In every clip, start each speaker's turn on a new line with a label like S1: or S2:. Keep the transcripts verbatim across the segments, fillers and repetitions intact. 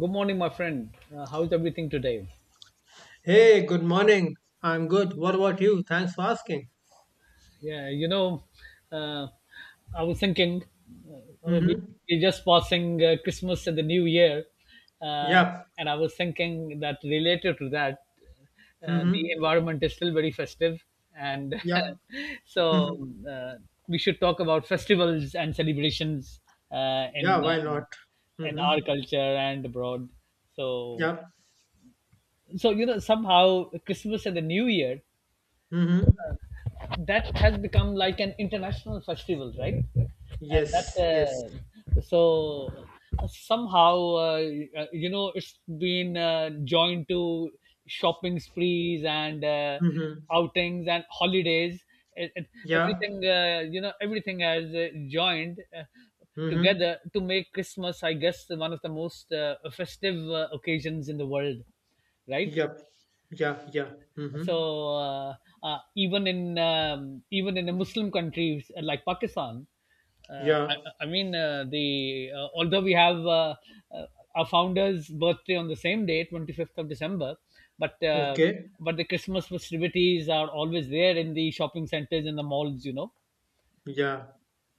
S1: Good morning, my friend. Uh, how's everything today?
S2: Hey, good morning. I'm good. What about you? Thanks for asking.
S1: Yeah, you know, uh, I was thinking, uh, uh, we
S2: Mm-hmm.
S1: we just passing uh, Christmas and the New Year, uh,
S2: Yep.
S1: and I was thinking that related to that, uh, the
S2: Mm-hmm.
S1: environment is still very festive, and
S2: Yep.
S1: so
S2: Mm-hmm.
S1: uh, we should talk about festivals and celebrations uh,
S2: Yeah,
S1: in
S2: why
S1: uh,
S2: not?
S1: in our
S2: Mm-hmm.
S1: culture and abroad. So,
S2: Yep.
S1: so you know, somehow Christmas and the New Year
S2: Mm-hmm.
S1: that has become like an international festival, right? And that
S2: Yes, yes.
S1: uh, so somehow, uh, uh, you know it's been uh, joined to shopping sprees and uh,
S2: Mm-hmm.
S1: outings and holidays. It, it,
S2: Yeah.
S1: everything uh, you know, everything has uh, joined. Uh,
S2: Mm-hmm.
S1: together to make Christmas, I guess, one of the most uh, festive uh, occasions in the world, right?
S2: Yep. Yeah, yeah.
S1: So,
S2: Mm-hmm.
S1: uh, uh, even in um, even in the Muslim countries, uh, like Pakistan, uh,
S2: Yeah.
S1: I, I mean, uh, the uh, although we have, uh, uh, our founder's birthday on the same day, twenty fifth of December, but uh,
S2: Okay.
S1: but the Christmas festivities are always there in the shopping centers and the malls, you know.
S2: Yeah.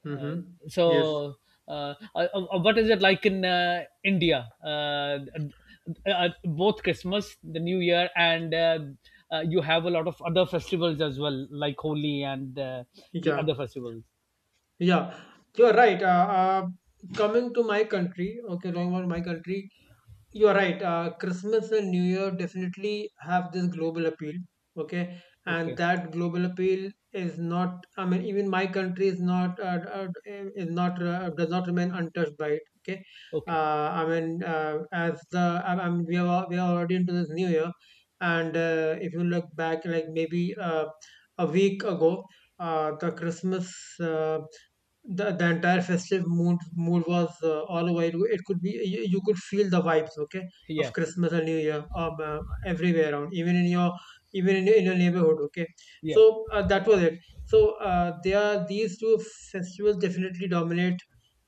S2: Mm-hmm. Yes.
S1: So, uh, uh, uh, what is it like in uh, India? Uh, uh, uh, both Christmas, the New Year, and uh, uh, you have a lot of other festivals as well, like Holi and uh, the
S2: Yeah.
S1: other festivals.
S2: Yeah. You're right. Uh, uh, coming to my country, okay, talking about my country. You're right. Uh, Christmas and New Year definitely have this global appeal. Okay. And
S1: Okay,
S2: that global appeal is not, I mean, even my country is not, uh, uh, is not, uh, does not remain untouched by it. Okay.
S1: okay,
S2: Uh, I mean, uh, as the, I, I mean, we are, al- we are already into this new year. And uh, if you look back, like maybe uh, a week ago, uh, the Christmas, uh, the, the entire festive mood mood was uh, all over. it, it could be, you, you could feel the vibes, okay, of
S1: yeah,
S2: Christmas and New Year. Um, uh, everywhere around, even in your even in your, in your neighborhood, okay.
S1: yeah,
S2: So uh, that was it. So uh, they are, these two festivals definitely dominate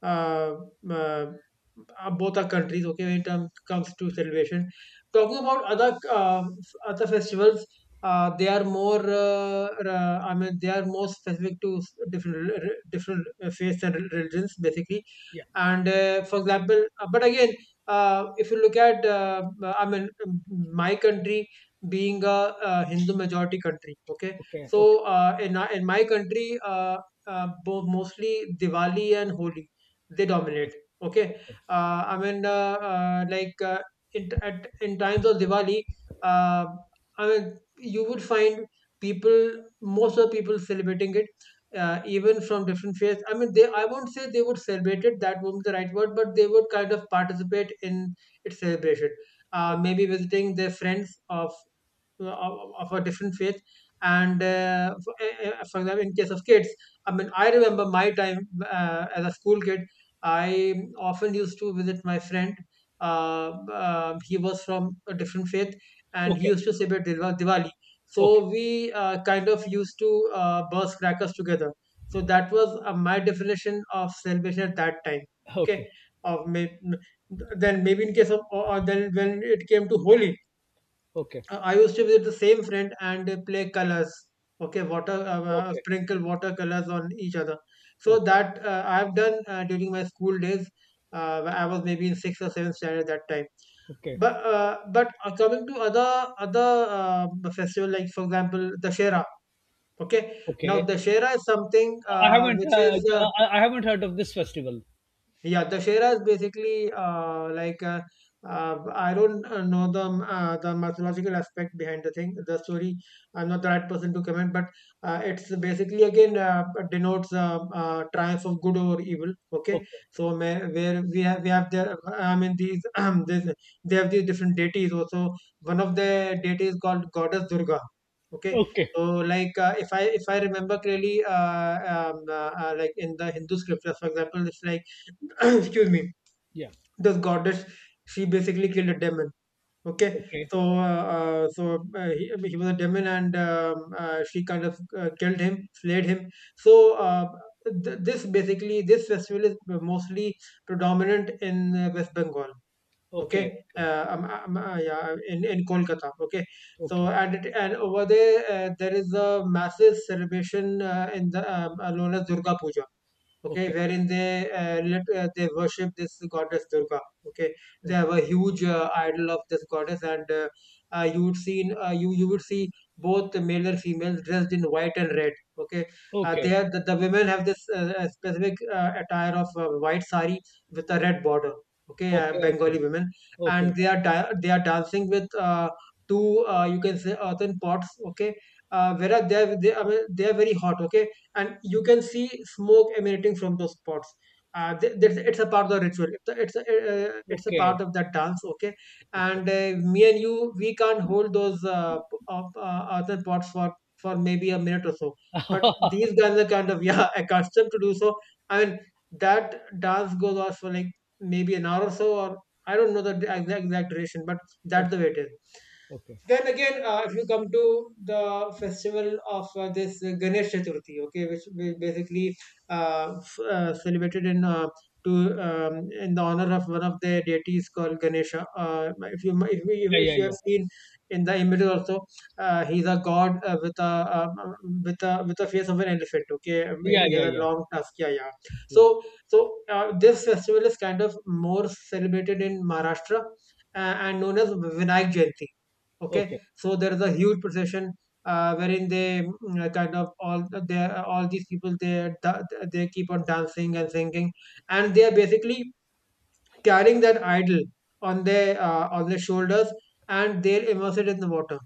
S2: uh, uh, uh, both our countries, okay, when it um, comes to celebration. Talking about other uh, other festivals, uh, they are more, uh, uh, I mean, they are more specific to s- different re- re- different uh, faiths and re- religions, basically.
S1: yeah.
S2: And uh, for example, uh, but again, uh, if you look at, uh, uh, I mean, um, my country, being a uh Hindu majority country, okay.
S1: Okay,
S2: So
S1: okay,
S2: uh, in our- in my country, uh, uh, bo- mostly Diwali and Holi, they
S1: okay,
S2: dominate. Okay.
S1: okay,
S2: uh, I mean, uh, uh, like uh, in, at, in times of Diwali, uh, I mean, you would find people, most of the people celebrating it, uh, even from different faiths. I mean, they, I won't say they would celebrate it. That won't be the right word, but they would kind of participate in its celebration. Uh,
S1: okay,
S2: maybe visiting their friends of of, of a different faith, and uh, for, eh, eh, for example, in case of kids, I mean, I remember my time uh, as a school kid. I often used to visit my friend. Uh, uh, he was from a different faith and he
S1: okay, okay,
S2: used to celebrate Diwa- Diwali. So
S1: okay,
S2: we uh, kind of used to uh, burst crackers together. So that was uh, my definition of celebration at that time.
S1: okay,
S2: Okay.
S1: okay,
S2: Of may, then maybe in case of, or, or then when it came to Holi, uh, I used to visit the same friend and uh, play colors. Okay, water, uh, uh,
S1: okay,
S2: sprinkle watercolors on each other. So that uh, I have done uh, during my school days. Uh, I was maybe in sixth or seventh standard at that time.
S1: okay.
S2: But uh, but uh, coming to other other uh, festival, like for example, Dashera. Okay, now
S1: Okay.
S2: Dashera is something
S1: I
S2: uh,
S1: haven't,
S2: which
S1: uh,
S2: is uh,
S1: I I haven't heard of this festival.
S2: yeah, Dussehra is basically uh, like uh, uh, I don't uh, know the, um, uh, the mythological aspect behind the thing, the story. I'm not the right person to comment, but uh, it's basically again uh, denotes uh, uh, triumph of good over evil. Okay.
S1: Okay,
S2: So may, where we have we have there, I mean, these um, this, they have these different deities also. One of the deities called goddess Durga. Okay.
S1: okay,
S2: So, like, uh, if I if I remember clearly, uh, um, uh, uh, like in the Hindu scriptures, for example, it's like excuse me,
S1: yeah,
S2: this goddess, she basically killed a demon, okay.
S1: okay,
S2: So uh, uh, so uh, he, he was a demon, and um, uh, she kind of uh, killed him, slayed him. So uh, th- this, basically, this festival is mostly predominant in uh, West Bengal, okay.
S1: okay, okay,
S2: Uh, um, um, uh, yeah, in in Kolkata, okay. So,
S1: okay,
S2: and it, and over there uh, there is a massive celebration uh, in the, um, uh, known as Durga Puja, okay,
S1: okay,
S2: wherein they uh, let, uh, they worship this goddess Durga. Okay, they have
S1: okay,
S2: a huge uh, idol of this goddess, and uh, uh, you would see, uh, you you would see both the male and females dressed in white and red, okay. Uh, they
S1: okay,
S2: are the, the women have this uh, uh, specific uh, attire of uh, white sari with a red border, okay, uh,
S1: okay,
S2: Bengali women.
S1: okay,
S2: And they are da- they are dancing with uh, two, uh, you can say, earthen pots, okay, uh, whereas they are, they, are, they are very hot, okay, and you can see smoke emanating from those pots. Uh, th- that's, it's a part of the ritual. It's a, it's a, uh, it's a
S1: okay,
S2: part
S1: okay,
S2: of that dance, okay?
S1: okay.
S2: And uh, me and you, we can't hold those uh, p- up, uh, other pots for, for maybe a minute or so. But
S1: Haha.
S2: these guys are kind of, yeah, accustomed to do so. I mean, that dance goes on for like maybe an hour or so, or I don't know the d- exact, exact duration, but
S1: o-
S2: that's the way it is.
S1: Okay.
S2: Then again, uh, if you come to the festival of uh, this Ganesh Chaturthi, okay, which we basically uh, f- uh, celebrated in, uh, to um, in the honor of one of the deities called Ganesha. Uh, if you if, we,
S1: Yeah,
S2: if
S1: yeah,
S2: you have
S1: yeah,
S2: seen in the images also, uh, he's a god uh, with a uh, with a with a face of an elephant. Okay. Um, he
S1: yeah,
S2: he has
S1: yeah,
S2: a
S1: yeah,
S2: long tusk. Yeah, yeah.
S1: yeah.
S2: So, so uh, this festival is kind of more celebrated in Maharashtra uh, and known as Vinayak Jayanti, okay.
S1: Okay,
S2: So there is a huge procession uh, wherein they mm, uh, kind of all they all these people they da- they keep on dancing and singing, and they are basically carrying that idol on their, uh, on their shoulders, and they'll immerse it in the water,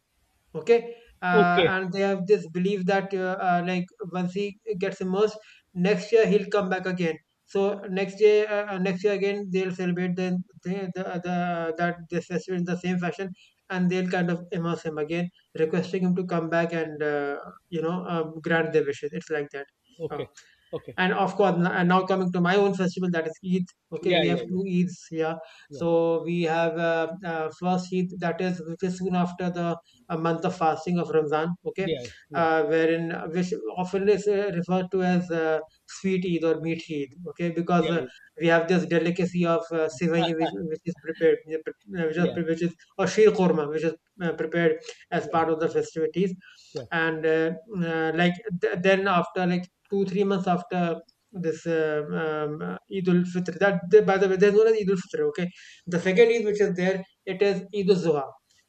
S2: okay. Uh,
S1: okay,
S2: and they have this belief that uh, uh, like once he gets immersed, next year he'll come back again. So next year, uh, uh, next year again they'll celebrate the, the, the, the that this festival in the same fashion, and they'll kind of immerse him again, requesting him to come back and, uh, you know, um, grant their wishes. It's like that. Um,
S1: okay, okay.
S2: and of course, and now coming to my own festival, that is Eid, okay.
S1: Yeah,
S2: We
S1: yeah,
S2: have
S1: yeah,
S2: two Eids here.
S1: yeah,
S2: So we have uh, uh, first Eid, that is, which is soon after the uh, month of fasting of Ramzan, okay,
S1: yeah, yeah,
S2: uh, wherein, uh, which often is uh, referred to as uh, sweet Eid or meat Eid, okay, because uh,
S1: yeah,
S2: we have this delicacy of uh, sivai which, which is prepared, uh, which is,
S1: yeah,
S2: pre- which is, or sheer korma, which is uh, prepared as
S1: yeah,
S2: part of the festivities.
S1: yeah,
S2: And uh, uh, like th- then after like two three months after this, uh, um, uh, Eid ul Fitr. That, by the way, there's known as Eid ul Fitr. Okay, the second Eid which is there, it is Eid ul Zuha.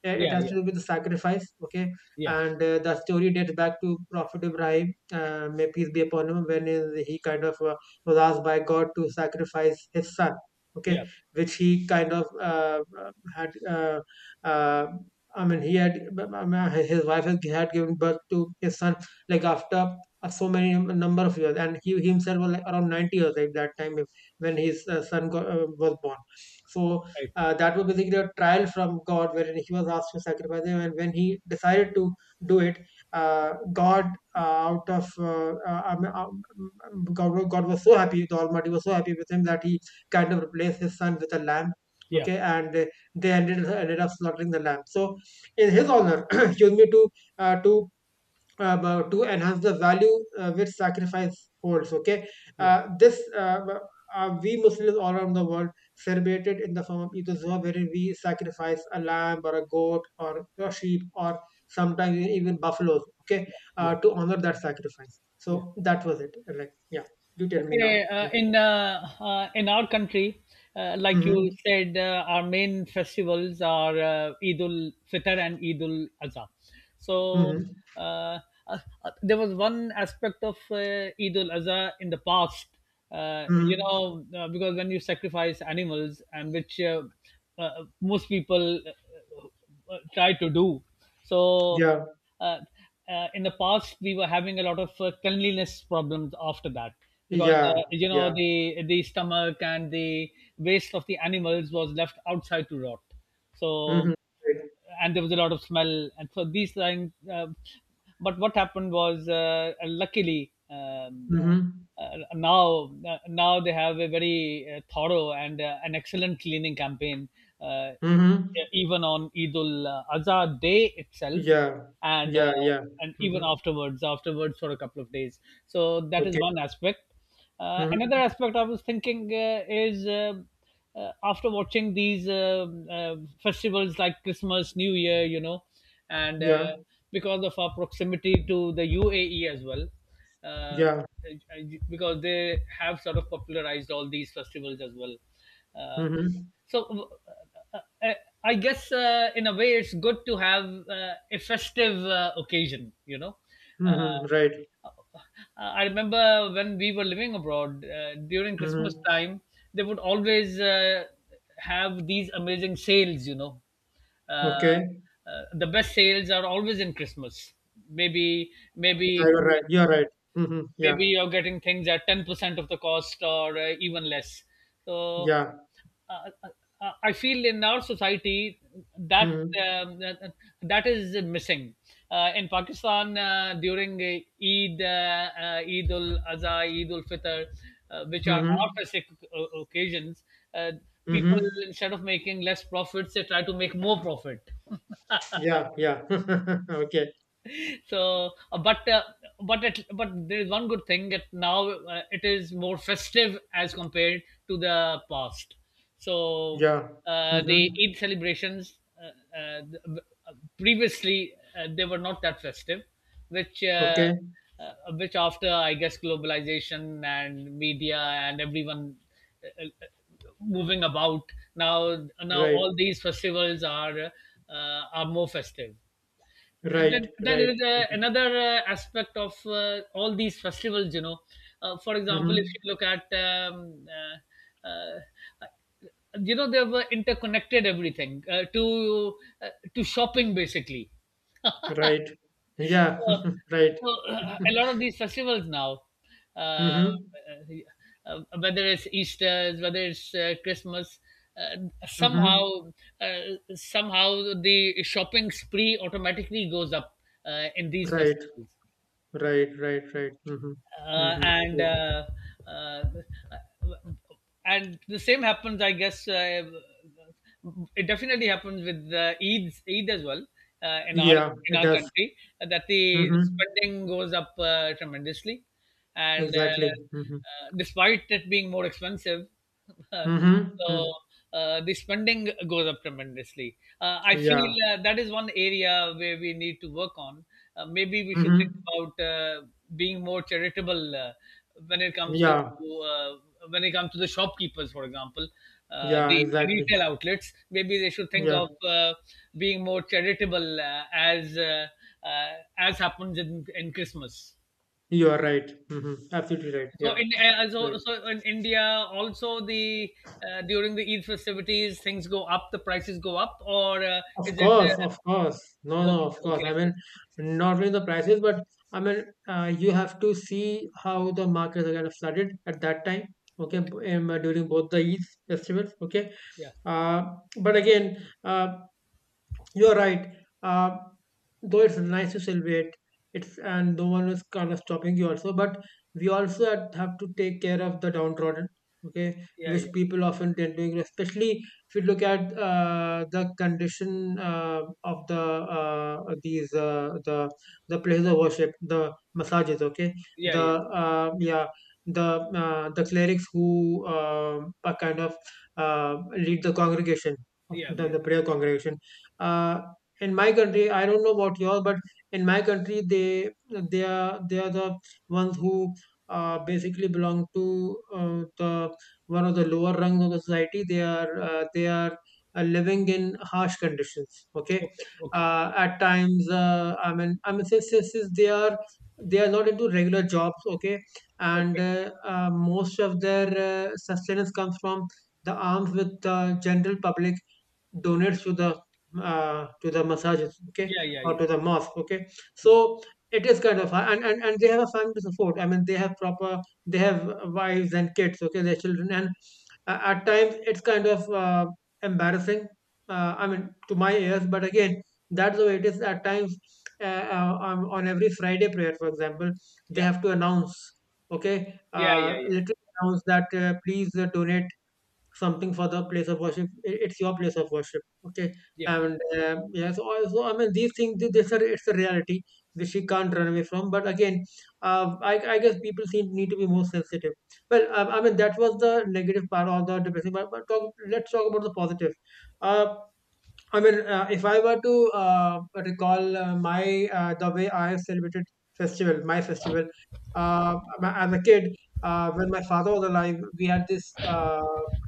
S2: Uh, It
S1: yeah, yeah,
S2: has
S1: yeah,
S2: to do with the sacrifice. Okay,
S1: yeah,
S2: and uh, that story dates back to Prophet Ibrahim, uh, may peace be upon him, when he kind of uh, was asked by God to sacrifice his son. Okay,
S1: yeah.
S2: which he kind of uh, uh, had. Uh, uh, I mean, he had I mean, his wife had given birth to his son like after, uh, so many number of years, and he himself was like around ninety years at that time, if, when his uh, son got, uh, was born. So
S1: Right.
S2: uh, that was basically a trial from God, wherein he was asked to sacrifice him, and when he decided to do it, uh, God, uh, out of uh, uh, um, um, um, God, God was so happy, the Almighty was so happy with him that he kind of replaced his son with a lamb.
S1: Yeah,
S2: Okay, and they, they ended ended up slaughtering the lamb. So, in his honor, excuse me, to uh, to uh, to enhance the value uh, which sacrifice holds. Okay,
S1: yeah,
S2: uh, this, uh, uh, we Muslims all around the world celebrate it in the form of Eid al-Zuha, wherein we sacrifice a lamb or a goat or a sheep or sometimes even buffaloes. Okay,
S1: yeah,
S2: uh,
S1: yeah,
S2: to honor that sacrifice.
S1: yeah.
S2: So that was it. Like, yeah, you tell me now.
S1: Okay, uh, in uh, uh, in our country, uh, like you
S2: Mm-hmm.
S1: said, uh, our main festivals are uh, Eid ul Fitr and Eid ul Adha. So,
S2: Mm-hmm.
S1: uh, uh, uh, there was one aspect of uh, Eid ul Adha in the past, uh, you
S2: Hmm.
S1: know, uh, because when you sacrifice animals, and which uh, uh, most people uh, try to do. So,
S2: Yeah.
S1: uh, uh, in the past, we were having a lot of uh, cleanliness problems after that because
S2: Yeah.
S1: uh, you know
S2: Yeah.
S1: the the stomach and the waste of the animals was left outside to rot.
S2: Mm-hmm.
S1: So,
S2: Right.
S1: and there was a lot of smell and so these things, uh, but what happened was, uh, luckily, um,
S2: Mm-hmm.
S1: uh, now, uh, now they have a very uh, thorough and uh, an excellent cleaning campaign, uh, e-
S2: Mm-hmm.
S1: even on Eid al Adha day itself,
S2: Yeah.
S1: and uh,
S2: Yeah. Yeah.
S1: and even
S2: Mm-hmm.
S1: afterwards afterwards for a couple of days. So that is
S2: Okay.
S1: one aspect. Uh,
S2: Mm-hmm.
S1: another aspect I was thinking uh, is, uh, uh, after watching these um uh, festivals like Christmas, New Year, you know and
S2: Yeah,
S1: uh, because of our proximity to the UAE as well, uh,
S2: yeah.
S1: because they have sort of popularized all these festivals as well, uh,
S2: Mm-hmm.
S1: so, uh, I, I guess uh, in a way it's good to have uh, a festive uh, occasion. You know, uh,
S2: Mm-hmm. Right.
S1: I remember when we were living abroad uh, during Christmas
S2: Mm-hmm.
S1: time, they would always uh, have these amazing sales. You know, uh,
S2: Okay.
S1: uh, the best sales are always in Christmas. Maybe
S2: Yeah,
S1: maybe
S2: you're right. You're right. Mm-hmm. Yeah,
S1: maybe you're getting things at ten percent of the cost, or uh, even less. So,
S2: yeah.
S1: uh, uh, uh, I feel in our society that
S2: Mm-hmm.
S1: um, that, that is missing uh, in Pakistan, uh, during uh, Eid, uh, uh, Eid ul Adha, Eid ul Fitr, uh, which are our
S2: Mm-hmm.
S1: festive o- occasions. uh, People,
S2: Mm-hmm.
S1: instead of making less profits, they try to make more profit.
S2: Yeah, yeah. Okay.
S1: So, uh, but uh, but it, but there is one good thing that now uh, it is more festive as compared to the past. So,
S2: Yeah.
S1: uh, the
S2: Mm-hmm.
S1: Eid celebrations, uh, uh, th- uh, previously, uh, they were not that festive, which uh,
S2: Okay.
S1: uh, which after, I guess, globalization and media and everyone, uh, uh, moving about, now now
S2: Right.
S1: all these festivals are, uh, are more festive.
S2: Right.
S1: Then, then there
S2: Right.
S1: is a,
S2: Mm-hmm.
S1: another uh, aspect of uh, all these festivals, you know uh, for example, if
S2: Mm-hmm.
S1: you look at, um, uh, uh, you know they were interconnected, everything, uh, to uh, to shopping, basically.
S2: Right. Yeah.
S1: so,
S2: Right.
S1: so uh, a lot of these festivals now, uh, uh,
S2: Mm-hmm.
S1: uh, whether it's Easter, whether it's uh, Christmas, uh,
S2: Mm-hmm.
S1: somehow uh, somehow the shopping spree automatically goes up uh, in these
S2: Right.
S1: festivals,
S2: Right. Right. Right. Mm-hmm.
S1: uh,
S2: Mm-hmm.
S1: and
S2: Yeah.
S1: uh, uh, and the same happens, I guess. Uh, it definitely happens with uh, Eid, Eid as well uh, in our
S2: Yeah.
S1: in
S2: It
S1: our
S2: does.
S1: country, uh, that the
S2: Mm-hmm.
S1: spending goes up uh, tremendously, and
S2: Exactly. Mm-hmm.
S1: uh, uh, despite it being more expensive.
S2: Mm-hmm.
S1: So,
S2: Mm-hmm.
S1: uh, the spending goes up tremendously. Uh, I feel
S2: Yeah.
S1: uh, that is one area where we need to work on. Uh, maybe we should think
S2: Mm-hmm.
S1: about uh, being more charitable uh, when it comes to
S2: Yeah,
S1: uh, when it comes to the shopkeepers, for example, uh,
S2: yeah,
S1: the
S2: exactly.
S1: retail outlets. Maybe they should think
S2: Yeah,
S1: of uh, being more charitable, uh, as uh, uh, as happens in, in Christmas.
S2: you are right. Mm-hmm. Absolutely right.
S1: So
S2: Yeah,
S1: in uh,
S2: right.
S1: so so in India also, the uh, during the Eid festivities, things go up, the prices go up, or uh,
S2: Of
S1: is it?
S2: course, of course. No,
S1: Uh,
S2: no,
S1: okay,
S2: of course.
S1: okay,
S2: I mean,
S1: okay,
S2: not only the prices, but I mean, uh, you have to see how the markets are kind of flooded at that time. Okay,
S1: okay,
S2: b- um, during both the Eid festivals. Okay,
S1: yeah,
S2: uh, but again, uh, you're right. Uh, though it's nice to celebrate, it's and no one is kind of stopping you also. But we also had- have to take care of the downtrodden, okay,
S1: yeah,
S2: which
S1: yeah,
S2: people often tend to ignore. Especially if you look at uh, the condition uh, of the uh, these uh, the the places of worship, the massages, okay,
S1: yeah,
S2: the
S1: yeah,
S2: uh, yeah, the uh, the clerics who um are kind of, uh, lead the congregation of
S1: yeah,
S2: the,
S1: yeah,
S2: the prayer congregation, uh, in my country. I don't know about yours, but in my country they they are they are the ones who uh, basically belong to uh, the one of the lower rungs of the society. They are uh, they are uh, living in harsh conditions, okay.
S1: okay, okay,
S2: Uh, at times, uh, i mean i mean, since, since, since they are they are not into regular jobs, okay, and
S1: okay,
S2: uh, uh, most of their uh, sustenance comes from the arms with the general public donates to the, uh, to the massages, okay,
S1: yeah, yeah,
S2: or
S1: yeah,
S2: to the mosque, okay.
S1: yeah,
S2: So it is kind of hard, and, and and they have a family to support. I mean, they have proper, they have wives and kids, okay, their children, and uh, at times it's kind of uh, embarrassing. Uh, I mean, to my ears, but again, that's the way it is. At times, uh, uh, on on every Friday prayer, for example, they
S1: yeah,
S2: have to announce, okay,
S1: yeah,
S2: uh,
S1: yeah,
S2: literally announce that uh, please uh, donate something for the place of worship. i- It's your place of worship. Okay,
S1: yeah, yeah,
S2: and um, yeah, so also, I mean, these things. thi- This are, it's a reality which she can't run away from. But again, uh, I I guess people seem need to be more sensitive. Well, I, I mean, that was the negative part or the depressing part. But talk, let's talk about the positive. Uh, I mean, uh, if I were to uh, recall uh, my uh, the way I have celebrated festival, my festival, uh, my, as a kid, uh, when my father was alive, we had this uh,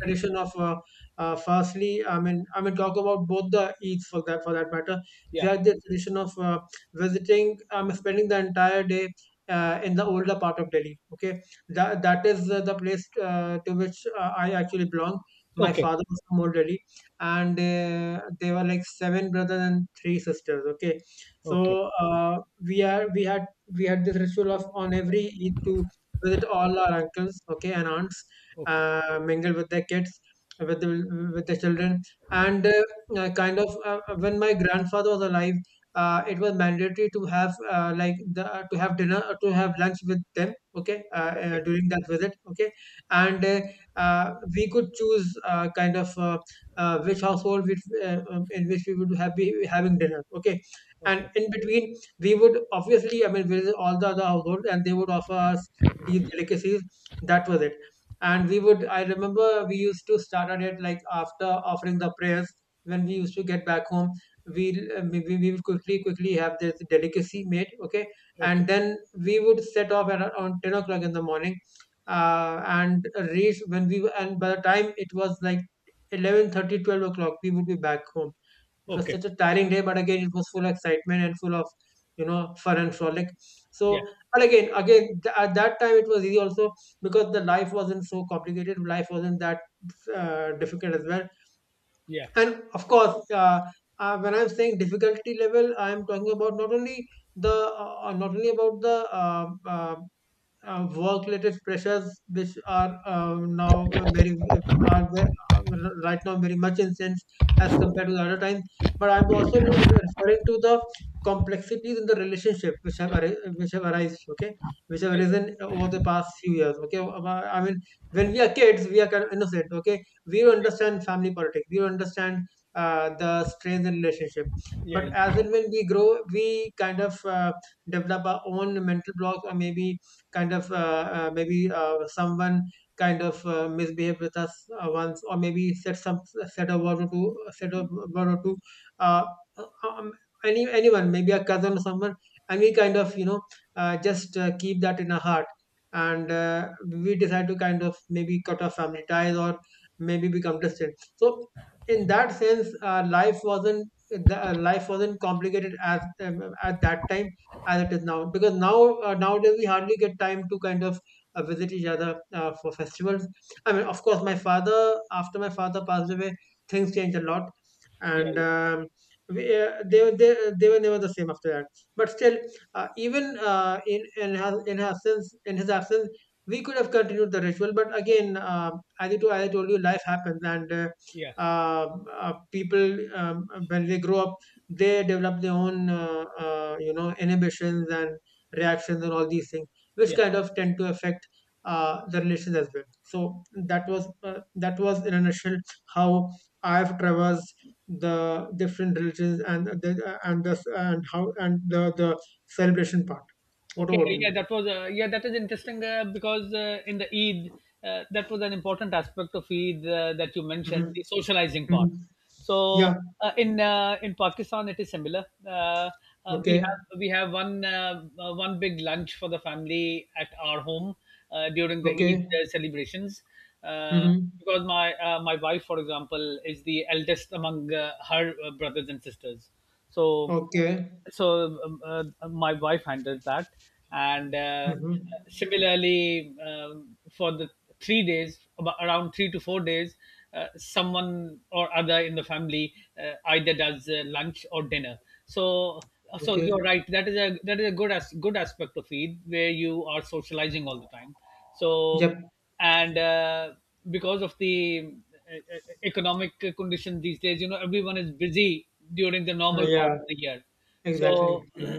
S2: tradition of, uh, uh, firstly, I mean, I mean, talk about both the Eids for that for that matter. We
S1: yeah,
S2: had the tradition of uh, visiting, um, spending the entire day Uh, in the older part of Delhi, okay, that that is uh, the place uh, to which uh, I actually belong. My
S1: okay,
S2: father was from old Delhi, and uh, they were like seven brothers and three sisters, okay.
S1: okay,
S2: So uh, we are we had, we had this ritual of on every Eid to visit all our uncles, okay, and aunts,
S1: okay,
S2: uh, mingle with their kids, with the, with the children, and uh, uh, kind of, uh, uh, when my grandfather was alive, uh, it was mandatory to have, uh, like, the to have dinner or to have lunch with them, okay, uh, uh,
S1: okay,
S2: during that visit, okay. And uh, uh, we could choose, uh, kind of, Uh, uh, which household, which, uh, um, in which we would have be having dinner, okay,
S1: okay,
S2: and in between we would obviously, I mean, visit all the other households and they would offer us deep delicacies. That was it. And we would, I remember, we used to start at it like after offering the prayers. When we used to get back home, we uh, we, we would quickly quickly have this delicacy made, okay,
S1: okay,
S2: and then we would set off at around ten o'clock in the morning, uh, and reach when we, and by the time it was like Eleven thirty, twelve o'clock, we would be back home. It was
S1: okay,
S2: such a tiring day, but again, it was full of excitement and full of, you know, fun and frolic.
S1: yeah,
S2: So, but again, again, th- at that time, it was easy also because the life wasn't so complicated. Life wasn't that uh, difficult as well.
S1: yeah,
S2: And of course, uh, uh, when I'm saying difficulty level, I'm talking about not only the, uh, uh, not only about the, uh, uh, uh, work-related pressures which are um, now very, are ve- are right now very much intense as compared to the other times. But I'm also re- re- referring to the complexities in the relationship which have arri- which have arisen, okay, which have
S1: yeah,
S2: arisen over the past few years, okay. Uh, I mean, when we are kids, we are kind of innocent, okay. We don't understand family politics. We don't understand uh, the strains in relationship.
S1: yeah,
S2: But
S1: yeah,
S2: as and when we grow, we kind of, uh, develop our own mental blocks, or maybe kind of, uh, uh, maybe uh, someone kind of uh, misbehaved with us uh, once, or maybe said some said a word or two, said a word or two. Uh, um, any anyone, maybe a cousin or someone, and we kind of, you know, uh, just uh, keep that in our heart, and uh, we decide to kind of maybe cut off family ties or maybe become distant. So in that sense, uh, life wasn't the, uh, life wasn't complicated as um, at that time as it is now, because now uh, nowadays we hardly get time to kind of uh, visit each other uh, for festivals. I mean, of course, my father, after my father passed away, things changed a lot.
S1: yeah, yeah,
S2: And
S1: yeah,
S2: um, we, uh, they, they, they were never the same after that. But still, uh, even uh, in, in his, in his absence, in his absence we could have continued the ritual, but again, uh, as you, to- as I told you, life happens. And uh,
S1: yeah,
S2: uh, uh, people, um, when they grow up, they develop their own, uh, uh, you know, inhibitions and reactions and all these things which
S1: yeah.
S2: kind of tend to affect uh, the relations as well. So that was, uh, that was, in a nutshell, how I have traversed the different religions, and the and the and how, and the the celebration part. What
S1: Okay,
S2: about
S1: uh,
S2: you?
S1: yeah, that was uh, yeah, that is interesting, uh, because uh, in the Eid, uh, that was an important aspect of Eid uh, that you mentioned,
S2: Hmm.
S1: the socializing
S2: Hmm.
S1: part. So,
S2: Yeah.
S1: uh, in uh, in Pakistan, it is similar. Uh, uh, we
S2: Okay.
S1: have we have one uh, uh, one big lunch for the family at our home uh, during the Eid
S2: Okay.
S1: uh, celebrations. Uh,
S2: Hmm.
S1: because my uh, my wife, for example, is the eldest among uh, her uh, brothers and sisters, so
S2: Okay.
S1: so um, uh, um, my wife handled that, and uh,
S2: Hmm.
S1: similarly, um, for the three days, about around three to four days, uh, someone or other in the family uh, either does uh, lunch or dinner. So so
S2: Okay.
S1: you're right, that is a that is a good, as good aspect of Eid where you are socializing all the time. So,
S2: Yep.
S1: and uh, because of the uh, uh, economic condition these days, you know everyone is busy during the
S2: Uh,
S1: normal part
S2: yeah,
S1: of the year. so
S2: exactly. Hmm.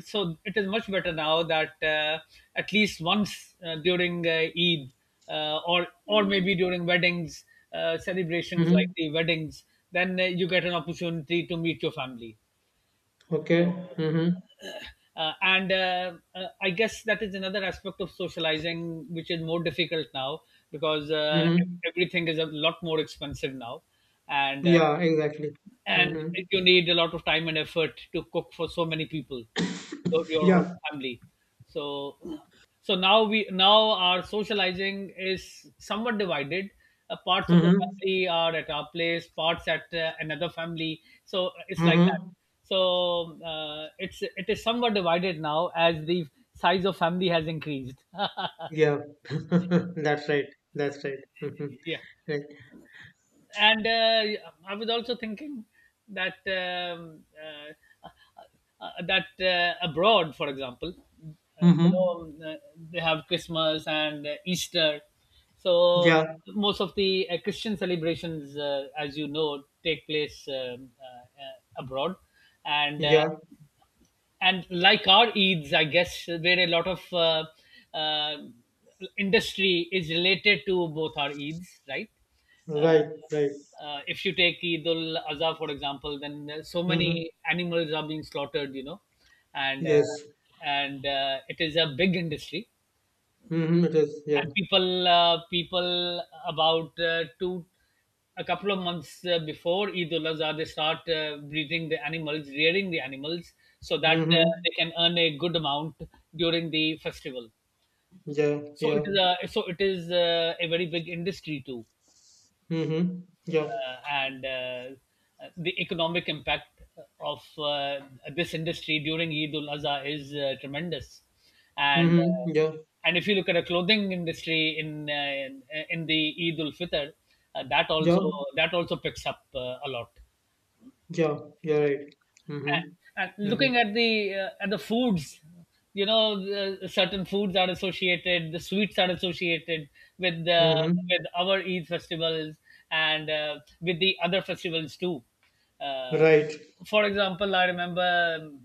S1: so it is much better now that uh, at least once, uh, during uh, Eid, uh, or or maybe during weddings, uh, celebrations like
S2: Hmm.
S1: the weddings, then uh, you get an opportunity to meet your family.
S2: Okay.
S1: So,
S2: Mm-hmm.
S1: uh, and uh, uh, I guess that is another aspect of socializing which is more difficult now because uh,
S2: Mm-hmm.
S1: ev- everything is a lot more expensive now, and uh,
S2: Yeah, exactly.
S1: and
S2: Mm-hmm.
S1: you need a lot of time and effort to cook for so many people, though your whole
S2: Yeah.
S1: family. So so now we now our socializing is somewhat divided, uh, parts of the
S2: Mm-hmm.
S1: family are at our place, parts at uh, another family, so uh, it's like that.
S2: Mm-hmm.
S1: So uh, it's it is somewhat divided now as the size of family has increased.
S2: Yeah. That's right. That's right. Mm-hmm.
S1: Yeah.
S2: Right.
S1: And uh, I was also thinking that um, uh, uh, that uh, abroad, for example, uh, you
S2: Mm-hmm.
S1: know, um, uh, they have Christmas and uh, Easter. So,
S2: Yeah.
S1: most of the uh, Christian celebrations, uh, as you know, take place, um, uh, uh, abroad, and uh,
S2: Yeah.
S1: and like our Eids, I guess, where a lot of uh, uh, industry is related to both our Eids, right? Uh,
S2: Right. Right.
S1: uh, if you take Eid ul Azha, for example, then uh, so
S2: Mm-hmm.
S1: many animals are being slaughtered, you know, and uh,
S2: Yes.
S1: and uh, it is a big industry,
S2: Mm-hmm. It is. Yeah.
S1: and people uh, people about uh, two a couple of months uh, before Eid ul Adha, they start uh, breeding the animals, rearing the animals, so that uh,
S2: Mm-hmm.
S1: they can earn a good amount during the festival.
S2: Yeah.
S1: So it
S2: Yeah.
S1: is a so it is uh, a very big industry too,
S2: Mm-hmm. Yeah.
S1: uh, and uh, the economic impact of uh, this industry during Eid ul Azha is uh, tremendous. And uh,
S2: Mm-hmm. Yeah.
S1: and if you look at a clothing industry in uh, in, the Eid ul Fitr, uh, that
S2: Yeah.
S1: also that also picks up uh, a lot,
S2: Yeah. You're right.
S1: and
S2: Mm-hmm.
S1: looking
S2: Mm-hmm.
S1: at the uh, at the foods. You know the, certain foods are associated, the sweets are associated with the
S2: Mm-hmm.
S1: with our eid festivals, and uh, with the other festivals too. uh,
S2: Right.
S1: for example, I remember, um,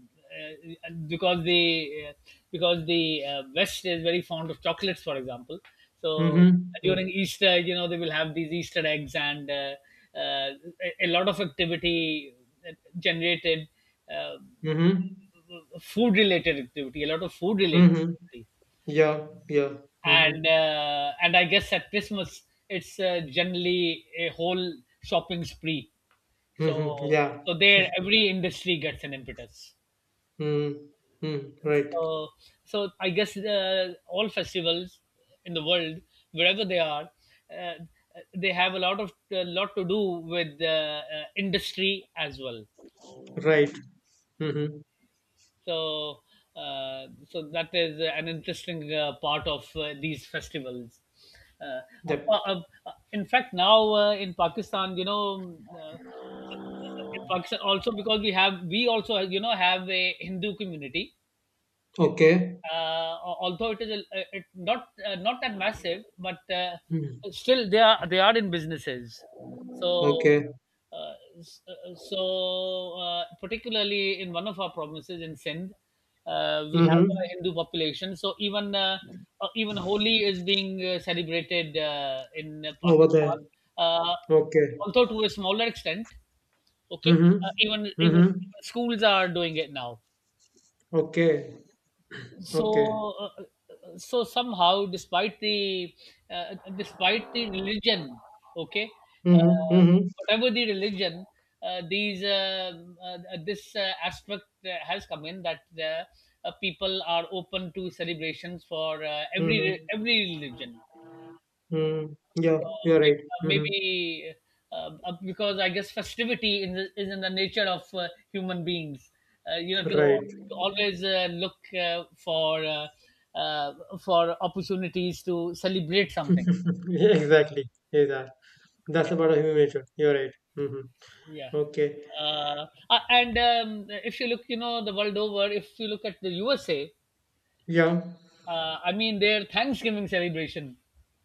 S1: uh, because the uh, because the uh, west is very fond of chocolates, for example. So
S2: Mm-hmm.
S1: during easter, you know, they will have these easter eggs, and uh, uh, a a lot of activity uh, generated, uh,
S2: Mm-hmm.
S1: food related activity, a lot of food related
S2: Mm-hmm.
S1: activity.
S2: Yeah, yeah.
S1: and
S2: Mm-hmm.
S1: uh, and I guess at Christmas it's uh, generally a whole shopping spree.
S2: Mm-hmm.
S1: So
S2: Yeah.
S1: so there every industry gets an impetus.
S2: Mm-hmm. Mm, right.
S1: So so I guess uh, all festivals in the world, wherever they are, uh, they have a lot of a lot to do with uh, uh, industry as well.
S2: Right. Mm-hmm.
S1: So, uh, so that is an interesting uh, part of uh, these festivals. Uh,
S2: Yep.
S1: apa- uh, in fact, now uh, in Pakistan, you know, uh, in Pakistan also because we have we also you know have a Hindu community.
S2: Okay.
S1: uh, Although it is a, it, not uh, not that massive, but uh,
S2: Mm.
S1: still they are they are in businesses. So
S2: Okay.
S1: uh, s- uh, so uh, Particularly in one of our provinces in Sindh, uh, we have a
S2: Mm-hmm.
S1: Hindu population. So even uh, uh, even Holi is being uh, celebrated uh, in
S2: Over there.
S1: Pakistan, uh,
S2: Okay.
S1: although to a smaller extent. Okay,
S2: Mm-hmm.
S1: uh, even even
S2: Mm-hmm.
S1: even schools are doing it now.
S2: Okay.
S1: so
S2: Okay.
S1: uh, uh, so somehow despite the uh, despite the religion, okay,
S2: Mm-hmm.
S1: uh,
S2: Mm-hmm.
S1: whatever the religion, uh, these um uh, this uh, aspect uh, has come in that uh, uh, people are open to celebrations for uh, every
S2: Mm-hmm.
S1: every religion,
S2: Mm. Yeah,
S1: uh,
S2: you're right. Mm-hmm.
S1: maybe uh, uh, because I guess festivity in the, is in the nature of uh, human beings. Uh, you know, to,
S2: Right.
S1: to always uh, look uh, for uh, uh, for opportunities to celebrate something.
S2: Exactly. Yeah. That's
S1: Yeah,
S2: about human nature. You're right. Mm-hmm.
S1: yeah.
S2: Okay.
S1: Uh, uh, and um, If you look, you know, the world over, if you look at the U S A,
S2: Yeah.
S1: uh, I mean, their Thanksgiving celebration.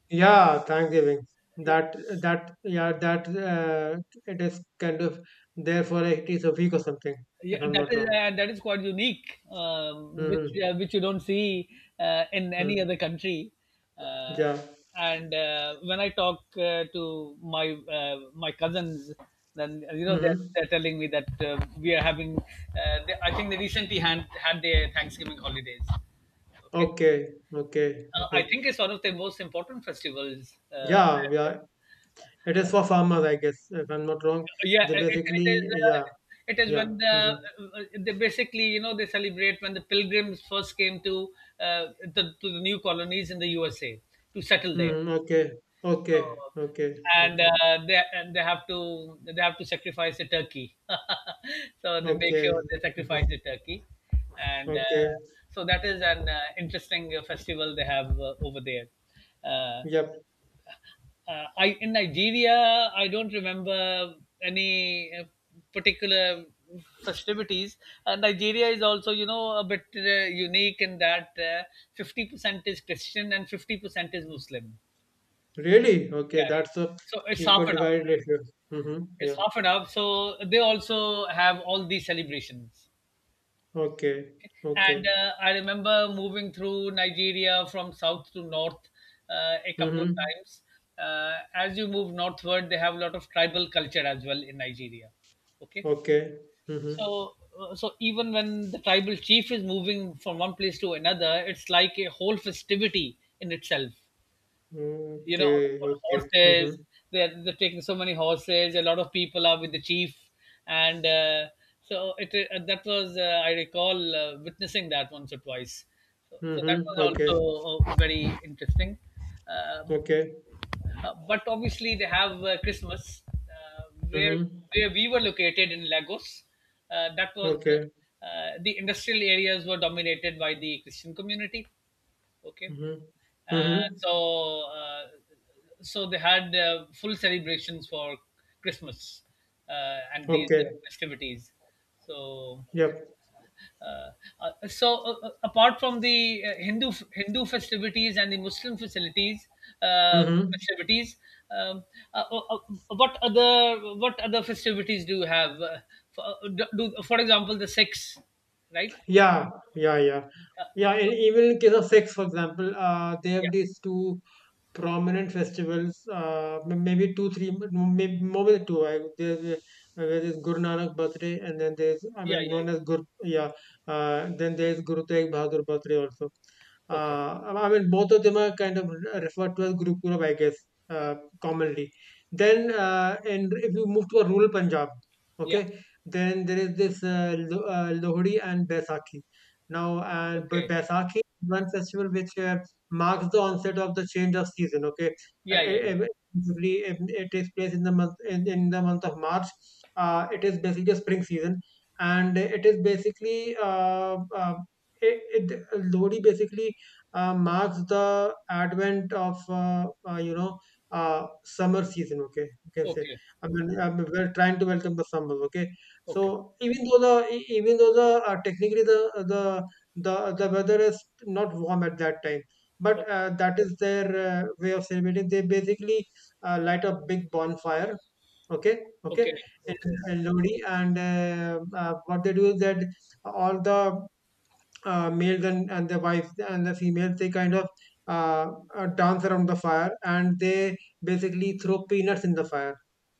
S2: Yeah, Thanksgiving. That that yeah, that uh, it is kind of there, for it is a week or something,
S1: Yeah,
S2: if I'm
S1: that
S2: not
S1: is
S2: wrong.
S1: uh, that is quite unique, um, which
S2: Mm-hmm.
S1: uh, which you don't see uh, in any
S2: Mm.
S1: other country. Uh,
S2: Yeah.
S1: and uh, when I talk uh, to my uh, my cousins, then uh, you know they're,
S2: Mm-hmm.
S1: they're telling me that uh, we are having. Uh, they, I think they recently had had their Thanksgiving holidays. Okay,
S2: Okay. Okay.
S1: uh,
S2: Okay.
S1: I think it's one of the most important festivals. Uh,
S2: Yeah.
S1: and,
S2: Yeah.
S1: uh,
S2: It is for farmers, I guess. If I'm not wrong,
S1: Yeah,
S2: they
S1: it, it is.
S2: basically,
S1: Uh,
S2: yeah,
S1: it is
S2: yeah.
S1: when the uh,
S2: Mm-hmm.
S1: they basically you know they celebrate when the pilgrims first came to uh, the, to the new colonies in the U S A to settle there.
S2: Mm-hmm. Okay.
S1: So,
S2: Okay. Okay.
S1: and
S2: Okay.
S1: uh, they and they have to they have to sacrifice a turkey. So they make
S2: Okay.
S1: sure they sacrifice
S2: Mm-hmm.
S1: the turkey, and uh,
S2: Okay.
S1: so that is an uh, interesting uh, festival they have uh, over there. Uh,
S2: Yep.
S1: uh, I in Nigeria, I don't remember any uh, particular festivities. Uh, Nigeria is also, you know, a bit uh, unique in that uh, fifty percent is Christian and fifty percent is Muslim.
S2: Really?
S1: Yeah,
S2: Okay. That's
S1: yeah.
S2: a
S1: So it's half
S2: equal
S1: and half.
S2: divided ratio. Mm-hmm.
S1: It's
S2: Yeah.
S1: half and half. So they also have all these celebrations.
S2: Okay,
S1: And
S2: okay.
S1: uh, I remember moving through Nigeria from south to north uh, a couple of
S2: Mm-hmm.
S1: times. Uh, as you move northward, they have a lot of tribal culture as well in Nigeria. Okay,
S2: Okay. Mm-hmm.
S1: so uh, so even when the tribal chief is moving from one place to another, it's like a whole festivity in itself, you know, on,
S2: Okay,
S1: on
S2: okay.
S1: horses.
S2: Mm-hmm.
S1: They're, they're taking so many horses. A lot of people are with the chief, and uh, so it uh, that was uh, I recall uh, witnessing that once or twice. So, so that
S2: Mm-hmm.
S1: was
S2: Okay.
S1: also uh, very interesting. Um
S2: Okay.
S1: uh, but obviously, they have uh, Christmas uh, where
S2: Mm-hmm.
S1: where we were located in Lagos. Uh, that was
S2: Okay.
S1: uh, uh, the industrial areas were dominated by the Christian community. Okay,
S2: Mm-hmm.
S1: uh,
S2: Mm-hmm.
S1: so uh, so they had uh, full celebrations for Christmas uh, and these
S2: Okay.
S1: uh, festivities. So
S2: Yep.
S1: uh, uh, so uh, uh, Apart from the uh, Hindu Hindu festivities and the Muslim facilities, uh,
S2: Mm-hmm.
S1: festivities, um, uh, uh, uh, what other what other festivities do you have? Uh, for, uh, do, do- for example, the six, right?
S2: Yeah, yeah, yeah,
S1: Uh,
S2: yeah. And even in case of sex, for example, uh, they have
S1: yeah,
S2: these two prominent festivals. Uh, m- maybe two, three, maybe more than two. I, there's uh, where there's Guru Nanak birthday, and then there's, I
S1: yeah,
S2: mean,
S1: yeah,
S2: known
S1: yeah.
S2: as Guru. Yeah, uh, then there's Guru Tegh Bahadur birthday also.
S1: Okay.
S2: Uh, I mean, both of them are kind of referred to as Guru Purab, I guess, uh, commonly. Then, uh, and if you move to a rural Punjab.
S1: Yeah.
S2: Okay, then there is this, uh, Lo- uh, Lohri and Baisakhi. Now, uh, Ba-
S1: Okay.
S2: Baisakhi is one festival which uh, marks the onset of the change of season. Okay, Uh,
S1: Yeah,
S2: it,
S1: yeah, yeah.
S2: it, basically, it, it takes place in the month, in, in the month of March. Uh, it is basically a spring season, and it is basically, uh, uh, it, it Lohri basically uh, marks the advent of, uh, uh, you know, uh, summer season. Okay, you can say.
S1: Okay.
S2: I
S1: Okay.
S2: mean, um, we're trying to welcome the summer. Okay.
S1: Okay.
S2: So even though the, e- even though the, uh, technically the the the the weather is not warm at that time,
S1: Okay.
S2: but uh, that is their uh, way of celebrating. They basically uh, light a big bonfire. Okay, okay,
S1: Okay.
S2: in,
S1: Okay.
S2: in Lodi, and uh, uh, what they do is that all the, uh, males and, and the wives and the females, they kind of, uh, uh, dance around the fire and they basically throw peanuts in the fire.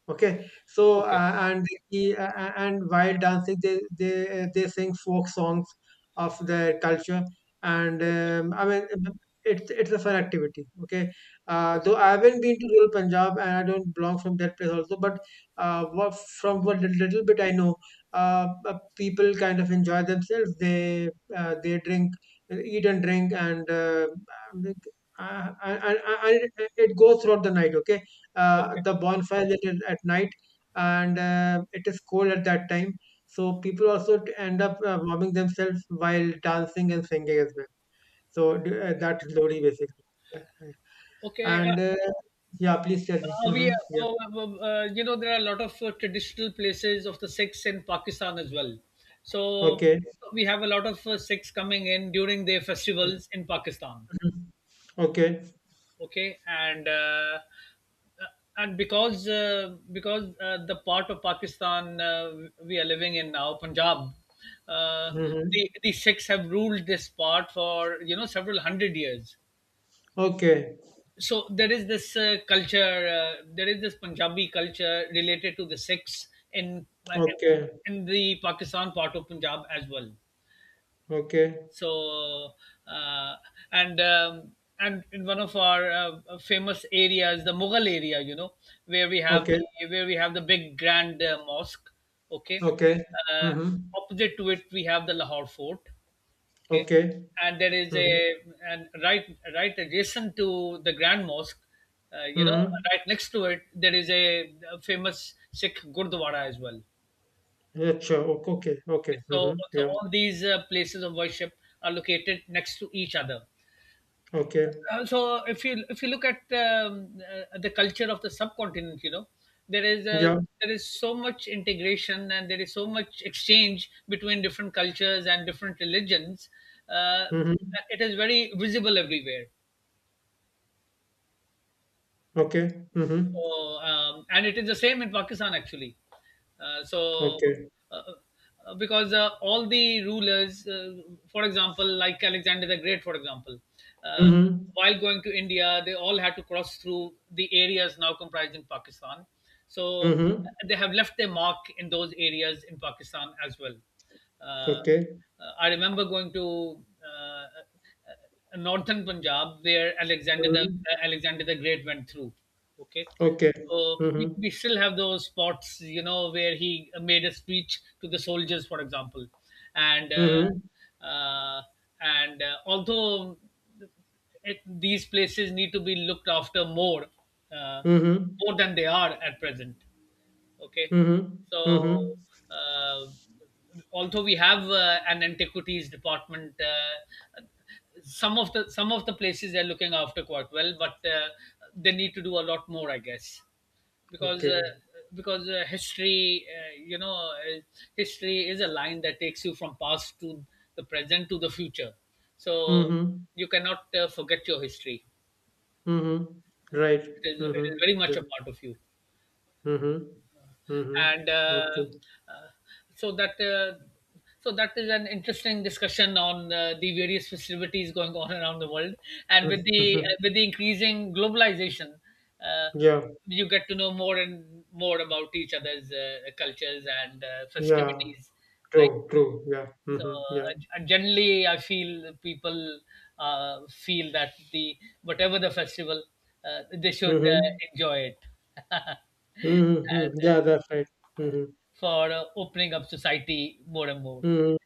S2: Okay, so
S1: Okay.
S2: uh, and the, uh, uh, and while dancing, they they, uh, they sing folk songs of their culture, and
S1: Okay.
S2: um, I mean, um, it's it's a fun activity. Okay, uh,
S1: Okay.
S2: though I haven't been to rural Punjab and I don't belong from that place also, but uh, what, from what, lit- little bit I know, uh, uh, people kind of enjoy themselves. They, uh, they drink, eat and drink, and uh, uh, and, and, and it goes throughout the night. Okay, uh,
S1: Okay.
S2: the bonfire, at, at night, and uh, it is cold at that time, so people also t- end up, uh, warming themselves while dancing and singing as well. So, d- uh, that's Lodi, basically. Yeah.
S1: Okay. Uh,
S2: And uh, yeah, please tell me.
S1: uh, we,
S2: Hmm. Yeah.
S1: uh, uh, uh, uh, you know, there are a lot of uh, traditional places of the Sikhs in Pakistan as well. So
S2: Okay.
S1: we have a lot of uh, Sikhs coming in during their festivals in Pakistan.
S2: Mhm. Okay.
S1: Okay, and uh, uh, and because uh, because uh, the part of Pakistan uh, we are living in now, Punjab, uh,
S2: Hmm.
S1: the the Sikhs have ruled this part for, you know, several hundred years.
S2: Okay.
S1: So there is this uh, culture, uh, there is this Punjabi culture related to the Sikhs in
S2: Okay.
S1: in the Pakistan part of Punjab as well.
S2: Okay.
S1: So uh, and um, and in one of our uh, famous areas, the Mughal area, you know, where we have
S2: Okay.
S1: the where we have the big grand uh, mosque. Okay,
S2: Okay.
S1: uh,
S2: Hmm.
S1: opposite to it we have the Lahore Fort. Okay,
S2: Okay.
S1: and there is
S2: Hmm.
S1: a, and right, right adjacent to the grand mosque. Uh, you know,
S2: Hmm.
S1: right next to it, there is a famous Sikh Gurdwara as well.
S2: Yeah, sure. Okay. Okay.
S1: So,
S2: Hmm.
S1: so
S2: Yeah.
S1: all these uh, places of worship are located next to each other.
S2: Okay.
S1: Uh, so if you if you look at um, uh, the culture of the subcontinent, you know, there is a,
S2: Yeah.
S1: there is so much integration and there is so much exchange between different cultures and different religions. Uh,
S2: Hmm.
S1: it is very visible everywhere.
S2: Okay. Mhm.
S1: So, um, and it is the same in Pakistan actually. Uh, so,
S2: Okay.
S1: uh, uh, because uh, all the rulers, uh, for example, like Alexander the Great, for example, uh,
S2: Mhm.
S1: while going to India, they all had to cross through the areas now comprised in Pakistan. So,
S2: Mhm.
S1: uh, they have left their mark in those areas in Pakistan as well. Uh,
S2: Okay.
S1: uh, I remember going to uh, uh, uh, northern Punjab, where Alexander the
S2: Mhm.
S1: uh, Alexander the Great went through. Okay,
S2: Okay.
S1: so we,
S2: Mhm.
S1: we still have those spots, you know, where he made a speech to the soldiers, for example, and
S2: Mhm.
S1: uh, uh, and uh, although it, these places need to be looked after more, uh,
S2: Mhm.
S1: more than they are at present. Okay,
S2: Mhm.
S1: so
S2: Mhm.
S1: uh, although we have uh, an antiquities department, uh, some of the some of the places they're looking after quite well, but uh, they need to do a lot more, I guess, because uh,
S2: Okay.
S1: because uh, history, uh, you know, uh, history is a line that takes you from past to the present to the future. So
S2: Mhm.
S1: you cannot uh, forget your history.
S2: Mhm. Right.
S1: It is, it is
S2: Mhm.
S1: very much
S2: Yeah.
S1: a part of you.
S2: Mhm. Mhm.
S1: And uh,
S2: Okay.
S1: uh, so that uh, so that is an interesting discussion on uh, the various festivities going on around the world, and with
S2: Mhm.
S1: the uh, with the increasing globalization, uh,
S2: Yeah.
S1: you get to know more and more about each other's uh, cultures and uh,
S2: Yeah.
S1: festivities, right?
S2: True. True. Yeah.
S1: So
S2: Mhm.
S1: uh,
S2: Yeah.
S1: and generally I feel people uh, feel that the whatever the festival uh, they should uh,
S2: Mhm.
S1: enjoy it and
S2: Mhm. Yeah. That's right. Mhm.
S1: for uh, opening up society more and more.
S2: Mhm.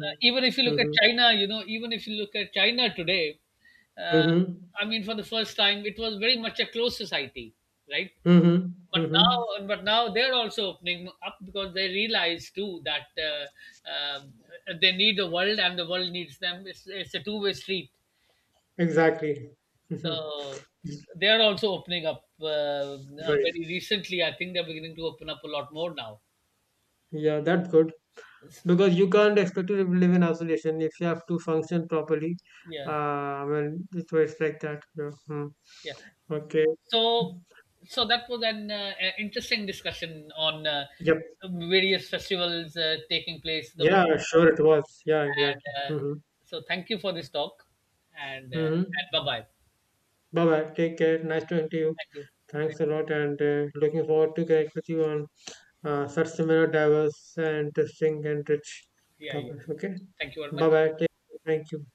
S1: Uh, even if you look at
S2: Mhm.
S1: China, you know, even if you look at China today, uh,
S2: Mhm.
S1: I mean, for the first time, it was very much a closed society, right?
S2: Mhm.
S1: But
S2: Mhm.
S1: now, but now they're also opening up because they realize too that uh, um, they need the world and the world needs them. It's, it's a two-way street.
S2: Exactly.
S1: So they're also opening up uh, uh,
S2: Right.
S1: very recently. I think they're beginning to open up a lot more now.
S2: Yeah, that's good.
S1: Yes.
S2: Because you can't expect to live in isolation if you have to function properly. Uh,
S1: Yeah,
S2: I mean, it's it's like that. Yeah. Hmm.
S1: yeah.
S2: Okay.
S1: So, so that was an uh, uh, interesting discussion on uh,
S2: Yep.
S1: various festivals uh, taking place. The world,
S2: Yeah, sure it was. Yeah, exactly.
S1: and uh,
S2: Mm-hmm.
S1: so thank you for this talk, and uh, and
S2: Mm-hmm.
S1: bye bye.
S2: Bye-bye. Take care. Nice talking to you.
S1: Thank you.
S2: Thanks a lot, and uh, looking forward to connect with you on uh, such similar diverse and interesting and rich
S1: Yeah, yeah.
S2: topics. Okay.
S1: Thank you very much.
S2: Bye-bye. Take Thank you.